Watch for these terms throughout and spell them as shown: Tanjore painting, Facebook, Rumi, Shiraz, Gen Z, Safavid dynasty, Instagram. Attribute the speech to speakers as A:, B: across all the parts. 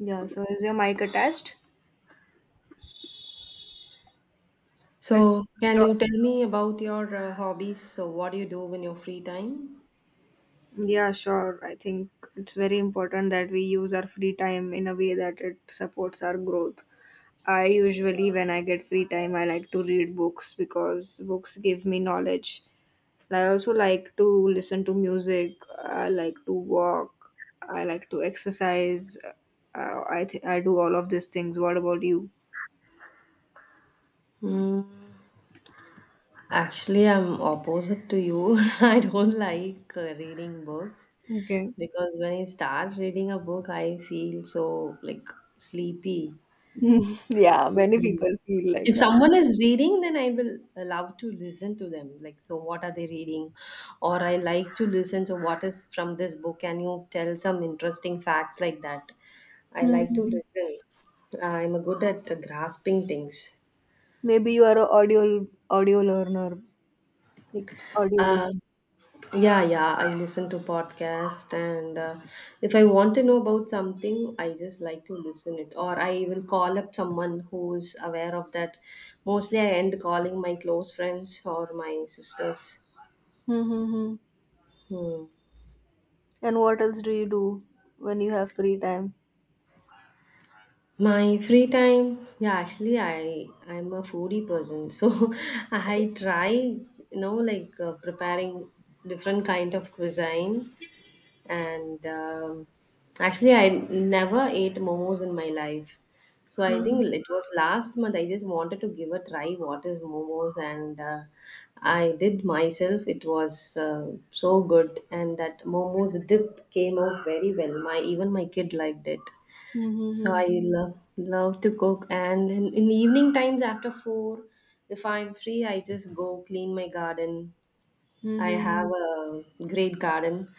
A: Yeah, so is your mic attached? Let's
B: So, can
A: talk.
B: you tell me about your hobbies? So, what do you do in your free time?
A: Yeah, sure. I think it's very important that we use our free time in a way that it supports our growth. I usually, when I get free time, I like to read books because books give me knowledge. And I also like to listen to music. I like to walk. I like to exercise. I do all of these things. What about you?
B: Mm, actually, I'm opposite to you. I don't like reading books
A: Okay.
B: because when I start reading a book, I feel so like sleepy.
A: Yeah, many people feel like
B: If
A: that.
B: someone is reading, then I will love to listen to them. Like, so what are they reading? Or I like to listen. So, what is from this book? Can you tell some interesting facts like that? I like to
A: Mhm.
B: listen. I'm good at grasping things.
A: Maybe you are a audio learner, like audio
B: Uh,
A: listen.
B: yeah, yeah, I listen to podcast, and if I want to know about something, I just like to listen it, or I will call up someone who's aware of that. Mostly, I end calling my close friends or my sisters.
A: Mm-hmm.
B: Hmm.
A: And what else do you do when you have free time?
B: My free time, yeah, actually, I'm a foodie person, so I try, like preparing different kind of cuisine, and actually, I never ate momos in my life, so I
A: Mm-hmm.
B: think it was last month. I just wanted to give a try what is momos, and I did myself. It was so good, and that momos dip came out very well. My even my kid liked it. So
A: Mm-hmm.
B: I love love to cook, and in the evening times after 4, if I'm free, I just go clean my garden. I have
A: Mm-hmm.
B: a great garden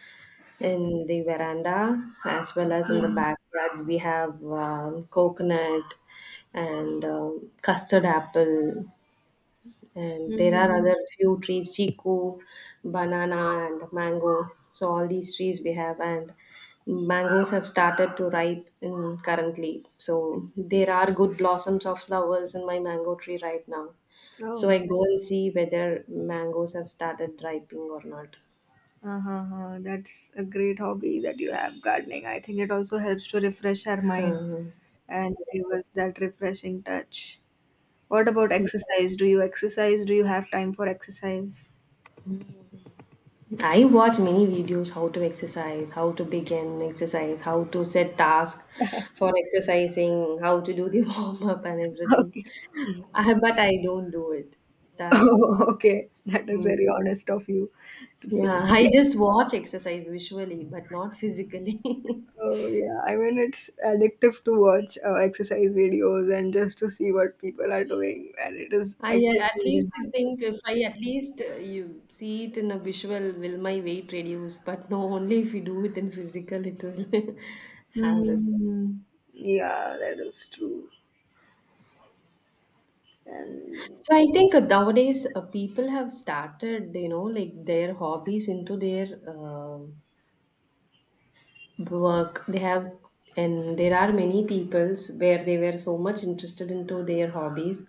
B: in the veranda as well as in the
A: Mm-hmm.
B: backyards. We have coconut and custard apple, and there are
A: Mm-hmm.
B: other few trees, chiku, banana, and mango. So all these trees we have, and mangoes have started to ripen currently, so there are good blossoms of flowers in my mango tree right now, so I
A: Oh,
B: go and see whether mangoes have started ripening or not.
A: uh-huh. That's a great hobby that you have, gardening. I think it also helps to refresh our mind
B: Hmm.
A: and give us that refreshing touch. What about exercise? Do you exercise? Do you have time for exercise?
B: I watch many videos how to exercise, how to begin exercise, how to set task for exercising, how to do the warm up and everything. But I don't do it. That
A: Oh, okay. That is
B: mm,
A: very honest of you to say.
B: yeah, I just watch exercise visually, but not physically.
A: Oh yeah, I mean it's addictive to watch exercise videos and just to see what people are doing, and it is
B: I
A: actually
B: at least
A: really.
B: think if I at least you see it in a visual, will my weight reduce? But no, only if you do it in physical, it will have result.
A: Mm-hmm. Yeah, that is true. And
B: So I think nowadays people have started, you know, like their hobbies into their. Work they have, and there are many peoples where they were so much interested into their hobbies,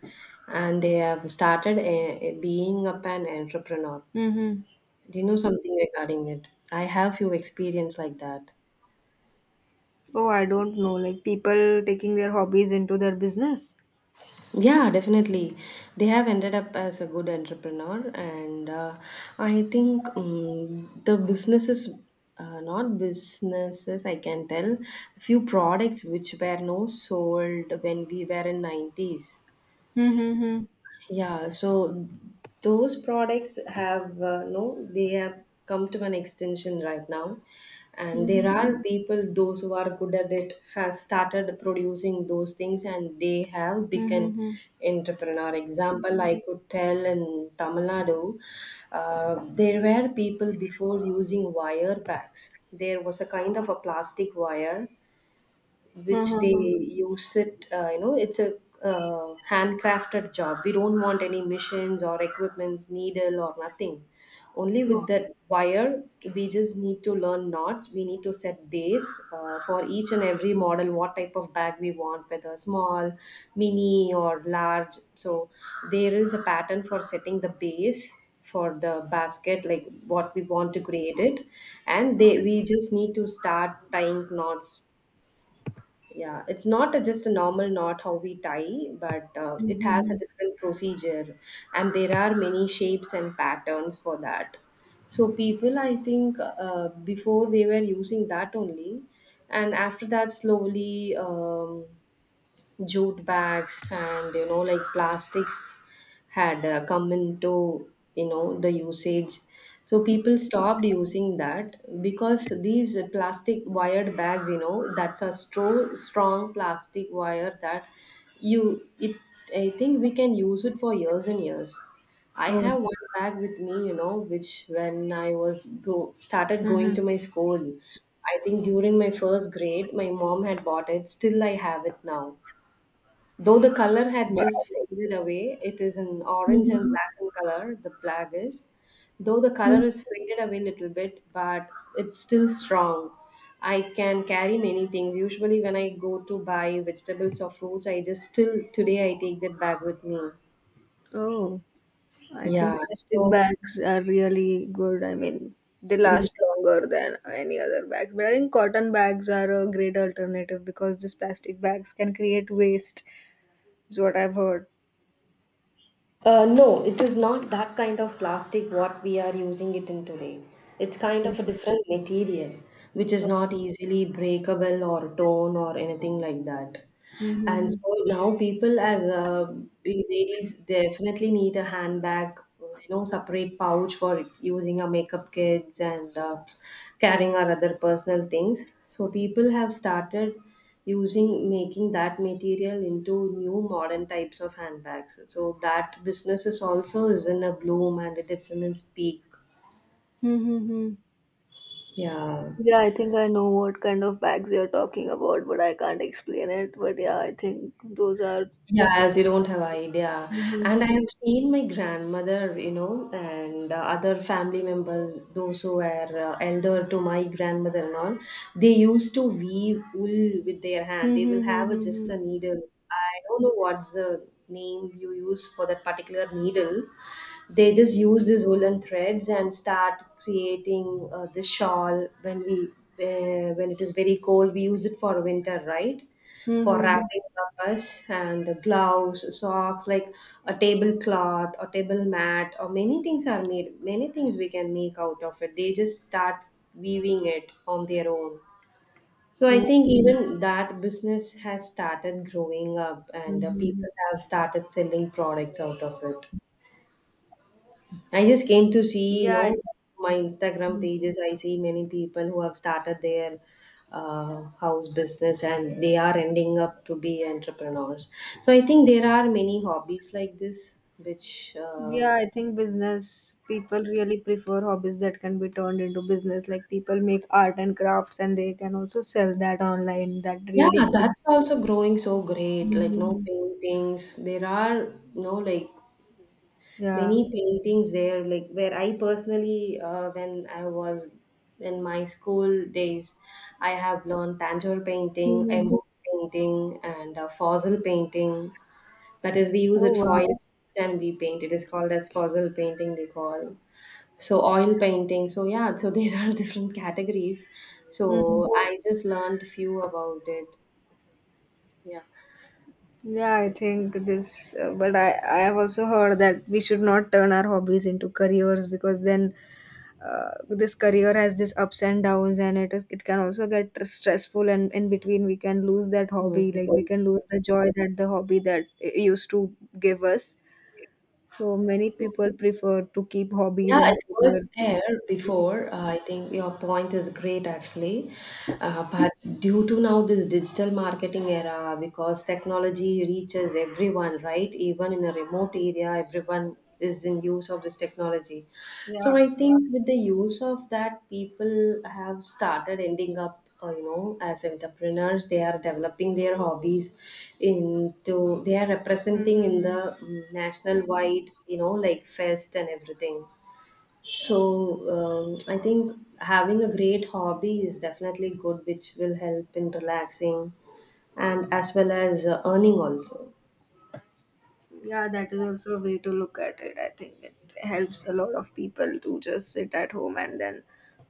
B: and they have started being up an entrepreneur.
A: mm-hmm.
B: Do you know something regarding it? I have few experience like that.
A: Oh, I don't know, like people taking their hobbies into their business.
B: Yeah, definitely, they have ended up as a good entrepreneur, and I think the businesses, not businesses, I can tell few products which were no sold when we were in 90s.
A: Mm-hmm.
B: Yeah, so those products have no, they have come to an extension right now, and
A: Mm-hmm.
B: there are people those who are good at it have started producing those things, and they have become
A: Mm-hmm.
B: entrepreneur. Example, I could tell in Tamil Nadu, there were people before using wire packs. There was a kind of a plastic wire which they
A: Uh-huh.
B: use it, you know it's a handcrafted job. We don't want any machines or equipments, needle or nothing, only with
A: Mm-hmm.
B: that wire. We just need to learn knots, we need to set base for each and every model, what type of bag we want, whether small, mini, or large. So there is a pattern for setting the base for the basket, like what we want to create it, and they we just need to start tying knots. Yeah, it's not a, just a normal knot how we tie, but it has
A: Mm-hmm.
B: a different procedure, and there are many shapes and patterns for that. So people, I think, before they were using that only, and after that, slowly jute bags and you know like plastics had come into, you know, the usage. So people stopped using that because these plastic wired bags, you know, that's a strong plastic wire that you it, I think we can use it for years and years. I
A: Oh.
B: have one bag with me, you know, which when I was started going
A: Mm-hmm.
B: to my school, I think during my first grade, my mom had bought it. Still I have it now. Though the color had
A: Wow.
B: just faded away, it is an orange and
A: Mm-hmm.
B: black in color, the blackish. Though the
A: Mm-hmm.
B: color is faded away a little bit, but it's still strong. I can carry many things. Usually, when I go to buy vegetables or fruits, I just still today I take that bag with me.
A: Oh. I
B: Yeah.
A: think plastic
B: So
A: bags are really good. I mean, they last longer than any other bags. But I think cotton bags are a great alternative because these plastic bags can create waste, is what I've heard.
B: No, it is not that kind of plastic what we are using it in today. It's kind
A: Okay.
B: of a different material which is not easily breakable or torn or anything like that. And
A: Mm-hmm.
B: so now people as we ladies definitely need a handbag, you know, separate pouch for using our makeup kits and carrying our other personal things. So people have started using, making that material into new modern types of handbags. So that business is also is in a bloom and it is in its peak.
A: Mm-hmm.
B: Yeah.
A: Yeah, I think I know what kind of bags you're talking about, but I can't explain it. But yeah, I think those are.
B: Yeah, as you don't have idea. And I
A: Mm-hmm.
B: have seen my grandmother, you know, and other family members, those who were elder to my grandmother and all, they used to weave wool with their hand. They will have a, just
A: Mm-hmm.
B: a needle. I don't know what's the name you use for that particular needle. They just use these woolen threads and start creating the shawl when we when it is very cold, we use it for winter, right? For
A: Mm-hmm.
B: wrapping us, and gloves, socks, like a tablecloth or table mat, or many things are made, many things we can make out of it. They just start weaving it on their own. So I think even that business has started growing up, and
A: Mm-hmm.
B: people have started selling products out of it. I just came to see, you
A: Yeah,
B: know, my Instagram
A: I-
B: pages. I see many people who have started their house business, and they are ending up to be entrepreneurs. So I think there are many hobbies like this, which,
A: Yeah, I think business people really prefer hobbies that can be turned into business. Like people make art and crafts and they can also sell that online. That
B: yeah,
A: really.
B: that's also growing so great. Like, no,
A: Mhm.
B: paintings. There are, you know, like
A: Yeah.
B: many paintings there, like where I personally when I was in my school days, I have learned tanjore painting,
A: Hmm.
B: embossed painting, and fossil painting. That is, we use
A: Oh
B: it
A: wow.
B: foil and we paint. It is called as fossil painting, they call. So oil painting. So yeah, so there are different categories. So
A: Hmm.
B: I just learned few about it. Yeah.
A: Yeah, I think this, but I have also heard that we should not turn our hobbies into careers because then this career has this ups and downs, and it can also get stressful, and in between we can lose that hobby, like we
B: Hmm.
A: can lose the joy that the hobby that it used to give us. So many people prefer to keep hobbies
B: Yeah,
A: and
B: it was
A: careers.
B: there before. I think your point is great, actually. But due to now this digital marketing era, because technology reaches everyone, right? Even in a remote area, everyone is in use of this technology. So
A: Yeah.
B: I think with the use of that, people have started ending up, you know, as entrepreneurs. They are developing their hobbies into. They are representing in
A: Mm-hmm.
B: the national wide, you know, like fest and everything. So, I think having a great hobby is definitely good, which will help in relaxing and as well as earning also.
A: Yeah, that is also a way to look at it. I think it helps a lot of people to just sit at home and then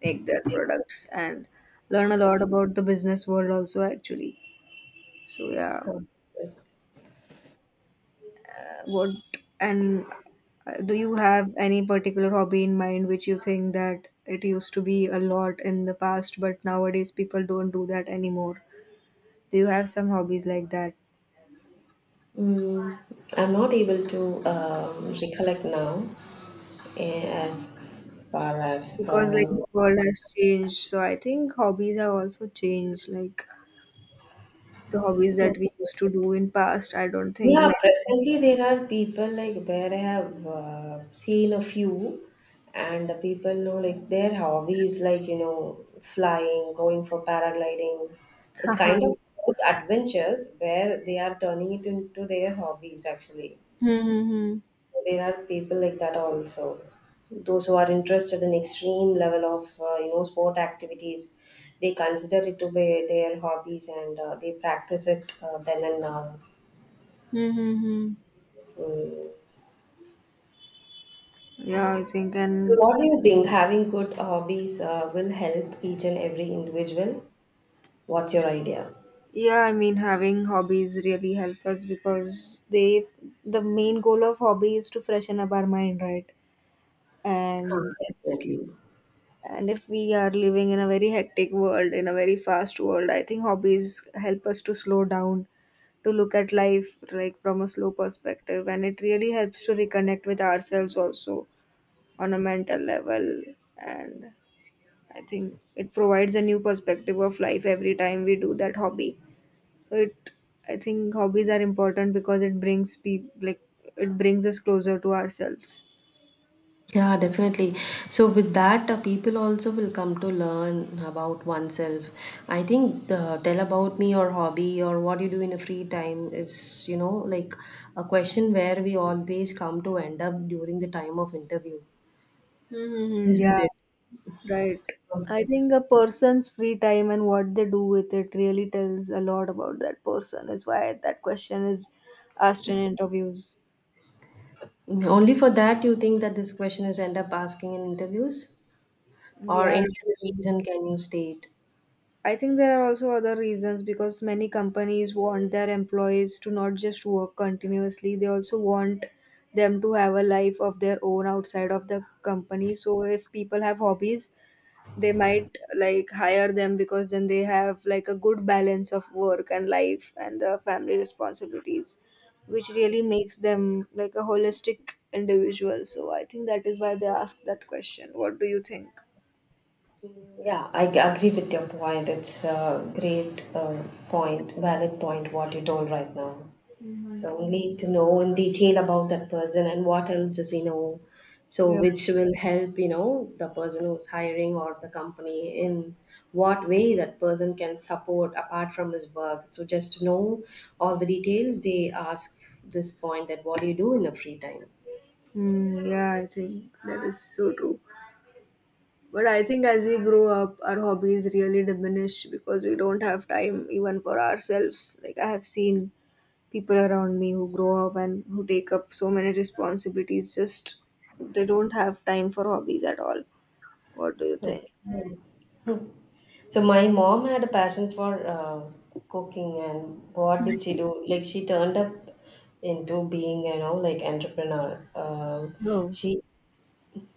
A: make their products and learn a lot about the business world also, actually. So yeah.
B: Huh.
A: What, and do you have any particular hobby in mind which you think that it used to be a lot in the past, but nowadays people don't do that anymore? Do you have some hobbies like that?
B: Mm, I'm not able to recollect now, as far as
A: Because like the world has changed, so I think hobbies have also changed. Like, the hobbies that we used to do in past, I don't think
B: Yeah,
A: many.
B: presently there are people like where I have seen a few, and the people know like their hobby is like, you know, flying, going for paragliding. It's kind of it's adventures where they are turning it into their hobbies actually.
A: Hmm, hmm, hmm.
B: There are people like that also. Those who are interested in extreme level of you know sport activities, they consider it to be their hobbies and they practice it then and now.
A: Hmm, hmm, hmm.
B: Mm.
A: Yeah, I think,
B: So,
A: and
B: what do you think having good hobbies will help each and every individual? What's your idea?
A: yeah, I mean, having hobbies really help us because they, the main goal of hobby is to freshen up our mind, right?
B: Ah,
A: And
B: definitely.
A: if we are living in a very hectic world, in a very fast world, I think hobbies help us to slow down, to look at life like from a slow perspective, and it really helps to reconnect with ourselves also on a mental level. And I think it provides a new perspective of life every time we do that hobby. It I think hobbies are important because it brings people, like, it brings us closer to ourselves.
B: Yeah, definitely. So with that, people also will come to learn about oneself. I think the tell about me or hobby or what you do in a free time is, you know, like a question where we always come to end up during the time of interview.
A: Hmm.
B: Isn't
A: Yeah,
B: it?
A: right.
B: So,
A: I think a person's free time and what they do with it really tells a lot about that person, is why that question is asked in interviews.
B: only for that you think that this question is end up asking in interviews? Or
A: Yeah.
B: any other reason can you state?
A: I think there are also other reasons because many companies want their employees to not just work continuously, they also want them to have a life of their own outside of the company. So if people have hobbies, they might like hire them because then they have like a good balance of work and life and the family responsibilities, which really makes them like a holistic individual. So I think that is why they ask that question. What do you think?
B: Yeah, I agree with your point. It's a great point, valid point, what you told right now. So
A: Mhm.
B: we need to know in detail about that person and what else does he know, so
A: Yeah.
B: which will help you know the person who's hiring or the company in what way that person can support apart from his work. So just to know all the details, they ask this point that what do you do in your free time?
A: Mm, yeah, I think that is so true. But I think as we grow up, our hobbies really diminish because we don't have time even for ourselves. Like, I have seen people around me who grow up and who take up so many responsibilities, just they don't have time for hobbies at all. What do you think?
B: Okay. So my mom had a passion for cooking. And what did she do? Like, she turned up into being, like, entrepreneur.
A: Oh.
B: She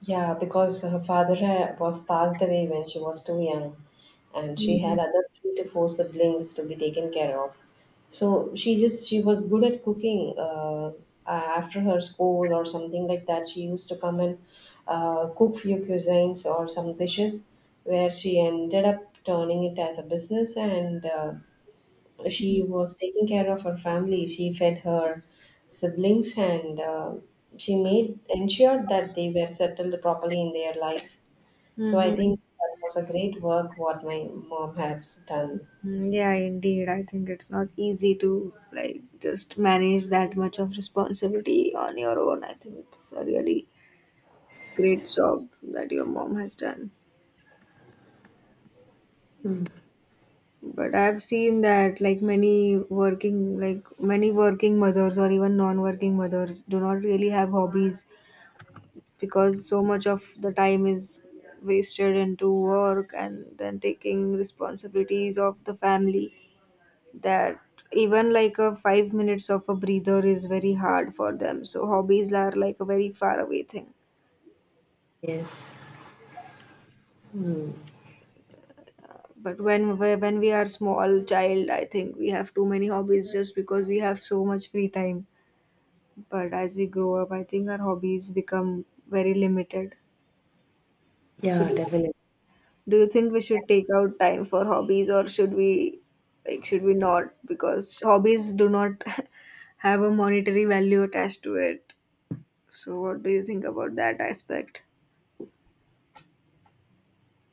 B: Yeah, because her father was passed away when she was too young, and she
A: Mm-hmm.
B: had other three to four siblings to be taken care of. So she was good at cooking. After her school or something like that, she used to come and cook few cuisines or some dishes, where she ended up turning it as a business, and she was taking care of her family. She fed her siblings, and she made ensured that they were settled properly in their life. So I
A: Mm-hmm.
B: think that was a great work what my mom has done.
A: Yeah, indeed. I think it's not easy to like just manage that much of responsibility on your own. I think it's a really great job that your mom has done, but I have seen that like many working mothers or even non-working mothers do not really have hobbies because so much of the time is wasted into work and then taking responsibilities of the family, that even like a 5 minutes of a breather is very hard for them. So hobbies are like a very far away thing.
B: Yes. Mm.
A: But when we are small child, I think we have too many hobbies just because we have so much free time. But as we grow up, I think our hobbies become very limited. So
B: Yeah, definitely.
A: do you think we should take out time for hobbies, or should we like should we not, because hobbies do not have a monetary value attached to it? So what do you think about that aspect?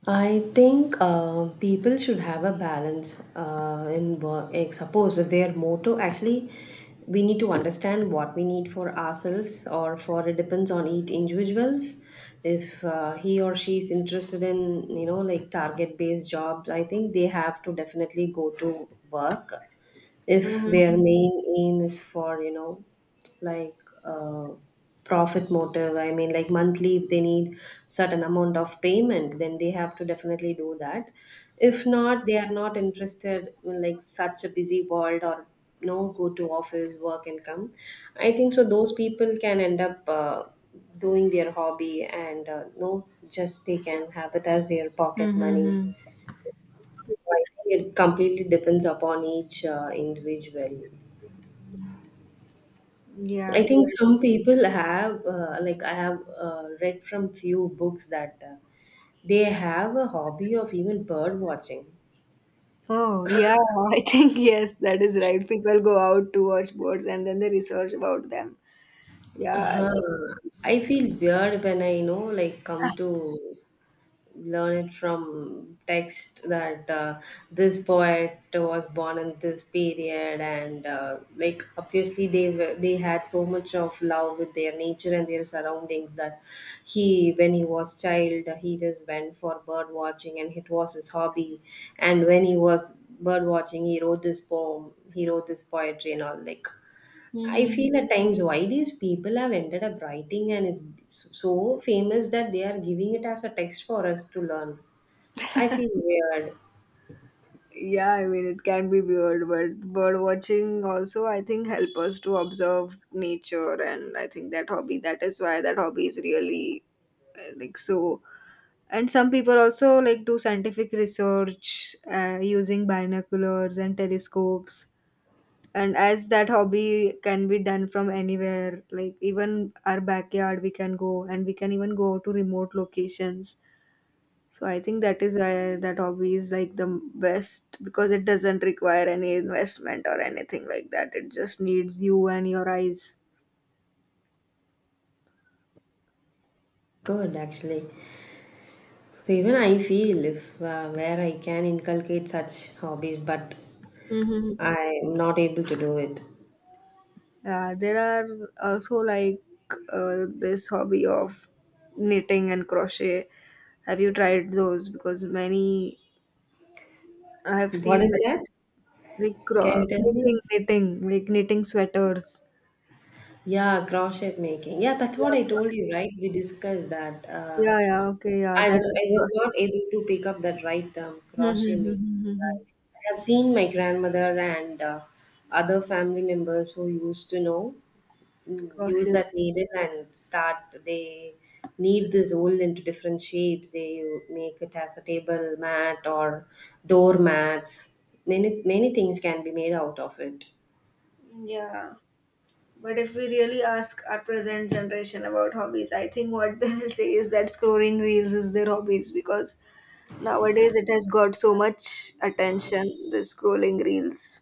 B: I think people should have a balance in work. Like, suppose if their motto, actually, we need to understand what we need for ourselves, or for it depends on each individuals. If he or she is interested in, you know, like, target based jobs, I think they have to definitely go to work. If
A: Mm-hmm.
B: their main aim is for, you know, like, uh, profit motive, I mean, like, monthly, if they need certain amount of payment, then they have to definitely do that. If not, they are not interested in like such a busy world, or no, go to office work and come, I think so those people can end up doing their hobby, and no, just they can have it as their pocket money.
A: Mm-hmm.
B: So I think it completely depends upon each individual.
A: Yeah, I
B: I think
A: think.
B: some people have, like, I have read from few books that they have a hobby of even bird watching.
A: Oh, yeah, I think yes, that is right. People go out to watch birds and then they research about them. Yeah, that's.
B: I feel weird when I, you know, like, come to learn it from text that this poet was born in this period, and like, obviously, they had so much of love with their nature and their surroundings that he, when he was child, he just went for bird watching, and it was his hobby. And when he was bird watching, he wrote this poem, he wrote this poetry and all, like, I
A: Mhm.
B: feel at times why these people have ended up writing, and it's so famous that they are giving it as a text for us to learn. I feel weird.
A: Yeah, I mean, it can be weird, but bird watching also, I think, help us to observe nature. And I think that hobby, that is why that hobby is really like so. And some people also like do scientific research using binoculars and telescopes. And as that hobby can be done from anywhere, like even our backyard, we can go and we can even go to remote locations. So I think that is why that hobby is like the best because it doesn't require any investment or anything like that. It just needs you and your eyes.
B: Good actually. So even I feel if where I can inculcate such hobbies, but
A: Hmm.
B: I am not able to do it.
A: Yeah, there are also like this hobby of knitting and crochet. Have you tried those? Because many, I have
B: What
A: seen.
B: is that?
A: Like,
B: Can you tell me?
A: knitting, like knitting sweaters.
B: Yeah, crochet making. Yeah, that's what
A: Yeah,
B: I told you, right? We discussed that.
A: yeah, yeah, okay, yeah,
B: I don't,
A: that
B: I
A: is
B: was
A: crochet.
B: not able to pick up that right term.
A: Hmm, hmm
B: Crochet
A: hmm,
B: making.
A: hmm, hmm, hmm.
B: Right. I have seen my grandmother and other family members who used to know use
A: Crochet.
B: that needle and start. They knead this wool into different shapes. They make it as a table mat or door mats. Many many things can be made out of it.
A: Yeah. But if we really ask our present generation about hobbies, I think what they will say is that scrolling reels is their hobbies because nowadays it has got so much attention, the scrolling reels.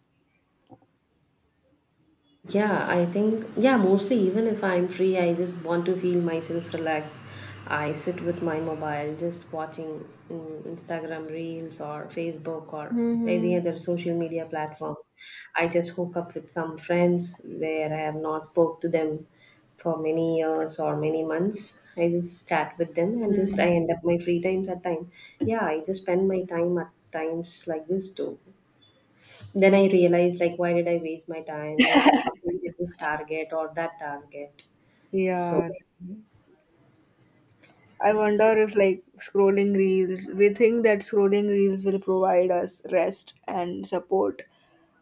B: Yeah, I think, yeah, mostly even if I'm free, I just want to feel myself relaxed. I sit with my mobile, just watching Instagram Reels or Facebook or any
A: Mm-hmm.
B: other social media platform. I just hook up with some friends where I have not spoke to them for many years or many months. I just chat with them, and just I
A: Mm.
B: end up my free times at time. Yeah, I just spend my time at times like this too. Then I realized, like, why did I waste my time? I would have completed this target or that target. So,
A: Yeah, I wonder if, like scrolling reels, we think that scrolling reels will provide us rest and support.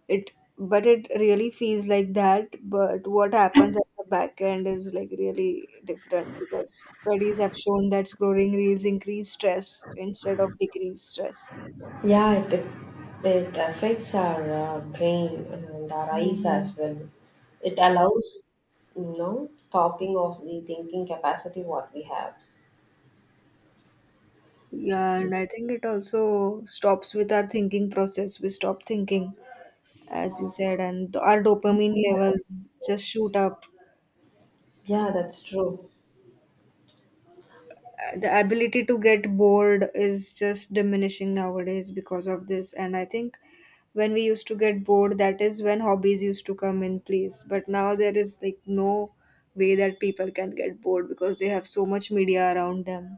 A: It, but it really feels like that. But what happens at the back end is like really different because studies have shown that scrolling reels increase stress instead of decrease stress.
B: yeah, it affects our brain and our eyes
A: Hmm.
B: as well. It allows, you know, stopping of the thinking capacity what we have.
A: Yeah, and I think it also stops with our thinking process. We stop thinking, as you said, and our dopamine levels just shoot up. I
B: Yeah,
A: think
B: that's true.
A: the ability to get bored is just diminishing nowadays because of this. And I think when we used to get bored, that is when hobbies used to come in place. But now there is like no way that people can get bored because they have so much media around them.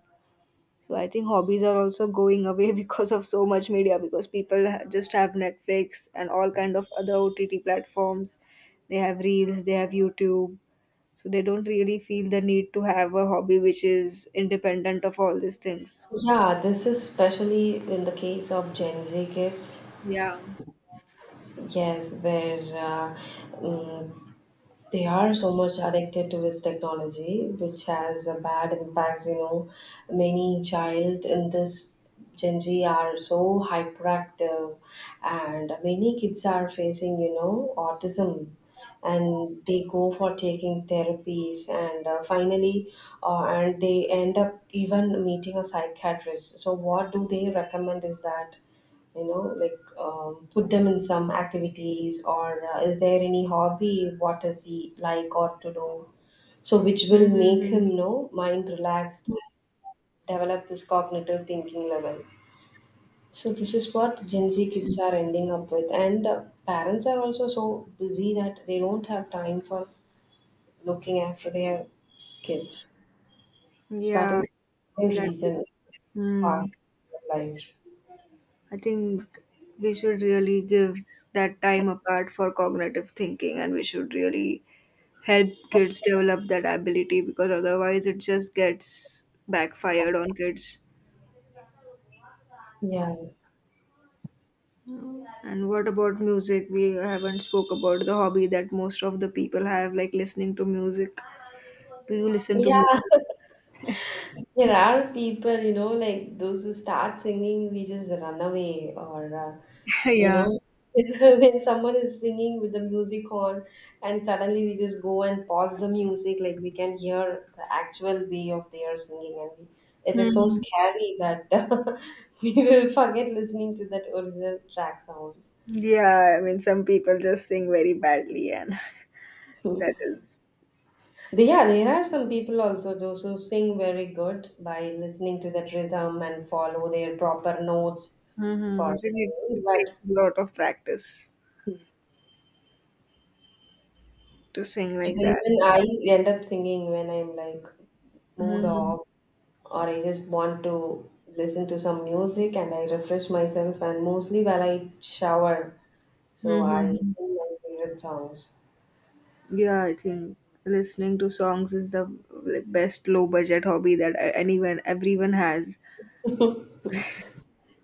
A: So I think hobbies are also going away because of so much media, because people just have Netflix and all kind of other OTT platforms, they have reels, they have YouTube. So they don't really feel the need to have a hobby which is independent of all these things.
B: Yeah, this is especially in the case of Gen Z kids.
A: Yeah.
B: Yes, where mm, they are so much addicted to this technology, which has a bad impacts, you know, many child in this Gen Z are so hyperactive, and many kids are facing, you know, autism, and they go for taking therapies, and finally and they end up even meeting a psychiatrist. So what do they recommend is that, you know, like, put them in some activities, or is there any hobby what does he like or to do, so which will make him,
A: Mm-hmm.
B: you know, mind relaxed, develop his cognitive thinking level. So this is what Gen Z kids are ending up with, and parents are also so busy that they don't have time for looking after their kids. So that
A: Yeah.
B: is the
A: That.
B: reason past
A: Hmm.
B: life.
A: I think we should really give that time apart for cognitive thinking and we should really help kids develop that ability because otherwise it just gets backfired on kids.
B: Yeah,
A: And what about music? We haven't spoke about the hobby that most of the people have, like listening to music. Do you listen to
B: yeah.
A: music?
B: There are people, you know, like, those who start singing, we just run away, or you
A: Yeah.
B: know, when someone is singing with the music on, and suddenly we just go and pause the music, like, we can hear the actual way of their singing, and we, it is so
A: Mhm.
B: scary that we will forget listening to that original track sound.
A: Yeah, I mean, some people just sing very badly, and that is-
B: They- Yeah, there are some people also those who sing very good by listening to that rhythm and follow their proper notes for
A: Mhm. Then it
B: singing.
A: takes a lot of practice to sing like
B: So
A: that.
B: even I end up singing when I'm like mood
A: Mhm.
B: off, or I just want to listen to some music, and I refresh myself, and mostly while I shower. So I
A: Mhm.
B: sing my favorite songs.
A: Yeah, I think listening to songs is the like, best low budget hobby that anyone, everyone has.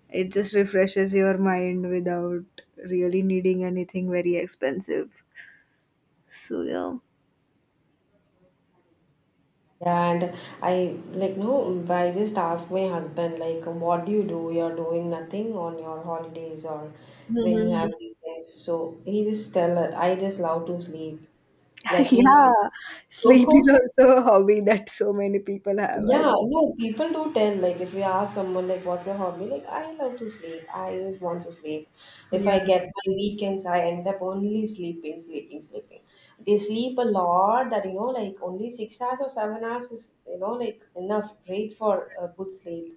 A: It just refreshes your mind without really needing anything very expensive. So, yeah.
B: Yeah, and I like, no, I just ask my husband, like, what do you do? You're doing nothing on your holidays or when you have
A: Mhm.
B: weekends. So he just tell her, I just love to sleep. Let me
A: Yeah,
B: sleep.
A: sleep is
B: So,
A: also a hobby that so many people have. I
B: yeah,
A: just.
B: no, people do tell, like, if you ask someone, like, what's your hobby? Like, I love to sleep. I always want to sleep. If
A: Yeah,
B: I get my weekends, I end up only sleeping, sleeping, sleeping. They sleep a lot that, you know, like, only 6 hours or 7 hours is, you know, like, enough, great for a good sleep.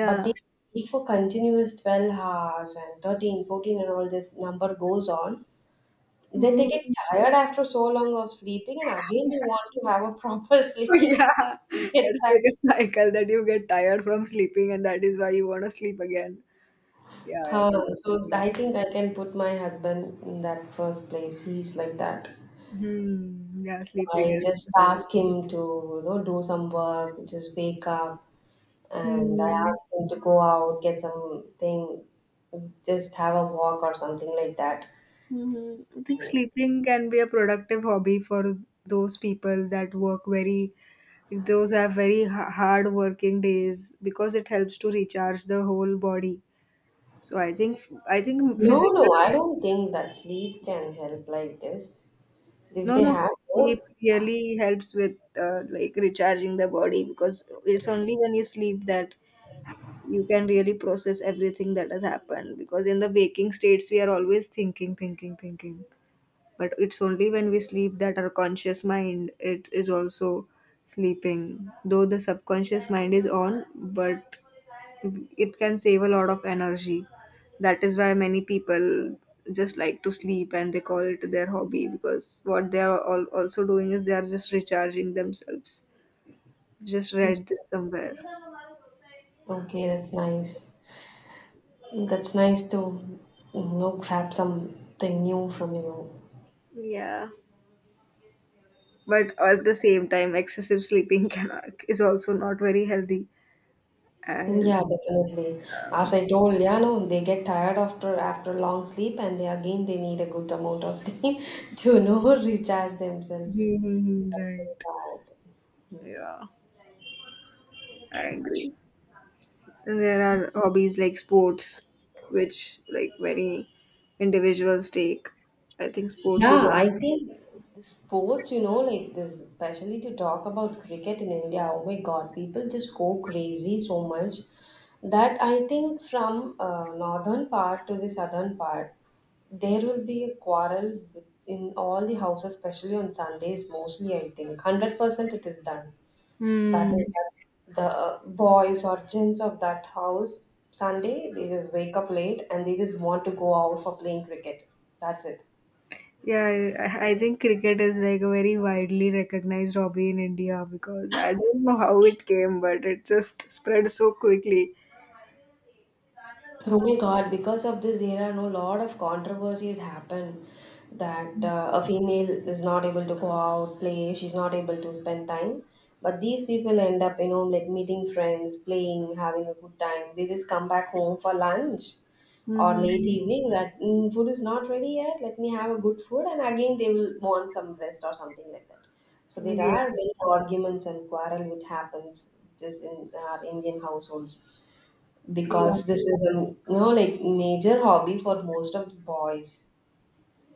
B: But they sleep for continuous 12 hours and 13, 14, and all this number goes on. Then they
A: Mm.
B: get tired after so long of sleeping, and again, they want to have a proper sleep.
A: Yeah,
B: Get
A: that's
B: back.
A: like a cycle that you get tired from sleeping, and that is why you want to sleep again. Yeah, I totally
B: So I
A: agree.
B: think I can put my husband in that first place. He's like that. So
A: Hmm. Yeah, sleeping
B: I
A: is.
B: just ask him to, you know, do some work, just wake up, and I
A: Hmm.
B: ask him to go out, get something, just have a walk or something like that.
A: Hmm. I think sleeping can be a productive hobby for those people that work very, those have very hard working days because it helps to recharge the whole body. So I think
B: No, no,
A: physical,
B: I don't think that sleep can help like this. If
A: no,
B: they
A: no,
B: have, oh,
A: sleep really helps with like recharging the body because it's only when you sleep that you can really process everything that has happened, because in the waking states we are always thinking thinking thinking. But it's only when we sleep that our conscious mind, it is also sleeping, though the subconscious mind is on. But it can save a lot of energy. That is why many people just like to sleep and they call it their hobby because what they are all also doing is they are just recharging themselves. Just read this somewhere.
B: okay, that's nice. That's nice to, you know, grab something new from you.
A: Yeah. But at the same time, excessive sleeping can is also not very healthy
B: Mm,
A: as
B: yeah, definitely. As I told, yeah, no, they get tired after long sleep, and they again they need a good amount of sleep to, you know, recharge themselves.
A: right. Yeah. I agree. And there are hobbies like sports, which like many individuals take. I think sports is.
B: Yeah, I think sports, you know, like, this, especially to talk about cricket in India, oh my God, people just go crazy so much that I think from northern part to the southern part, there will be a quarrel in all the houses, especially on Sundays, mostly, I think. 100% it is done. That
A: Hmm.
B: is that the boys or gents of that house, Sunday, they just wake up late, and they just want to go out for playing cricket. That's it.
A: Yeah, I think cricket is like a very widely recognized hobby in India because I don't know how it came, but it just spread so quickly.
B: Oh my God, because of this era, no, lot of controversies happen that a female is not able to go out, play, she's not able to spend time. But these people end up, you know, like, meeting friends, playing, having a good time. They just come back home for lunch or late
A: Mm-hmm.
B: evening that food is not ready yet. Let me have a good food. And again, they will want some rest or something like that. So there
A: Yeah,
B: are many arguments and quarrel which happens this in our Indian households,
A: yeah,
B: because this is a, you know, like, major hobby for most of the boys.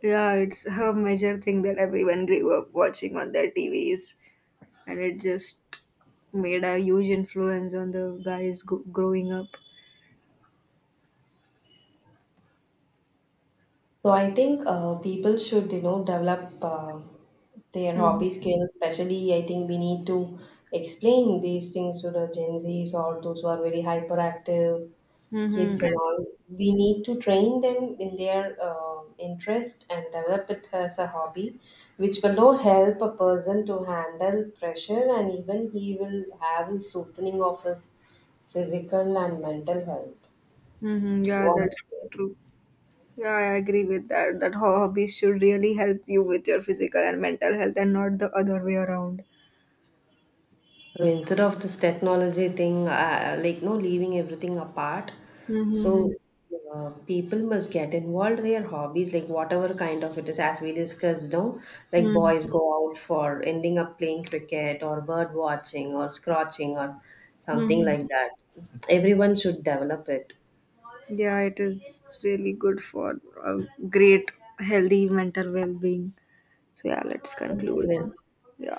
A: yeah. It's a major thing that everyone grew up watching on their TVs, and it just made a huge influence on the guys growing up.
B: So I think people should, you know, develop their
A: Mhm.
B: hobby skills. Especially, I think we need to explain these things to the Gen Zs or those who are very hyperactive
A: Mhm.
B: kids and all. We need to train them in their interest and develop it as a hobby, which will now help a person to handle pressure, and even he will have a soothing of his physical and mental health.
A: Mhm. Yeah,
B: What do you
A: that's
B: think?
A: true. Yeah, I agree with that. That hobbies should really help you with your physical and mental health and not the other way around.
B: So instead of this technology thing, like, no, leaving everything apart,
A: Mm-hmm.
B: so people must get involved their hobbies, like, whatever kind of it is, as we discussed, no, like,
A: Mm-hmm.
B: boys go out for ending up playing cricket or bird watching or scratching or something
A: Mm-hmm.
B: like that. Everyone should develop it.
A: Yeah, it is really good for a great, healthy mental well being. So, yeah, let's
B: Okay,
A: conclude
B: then.
A: then. Yeah.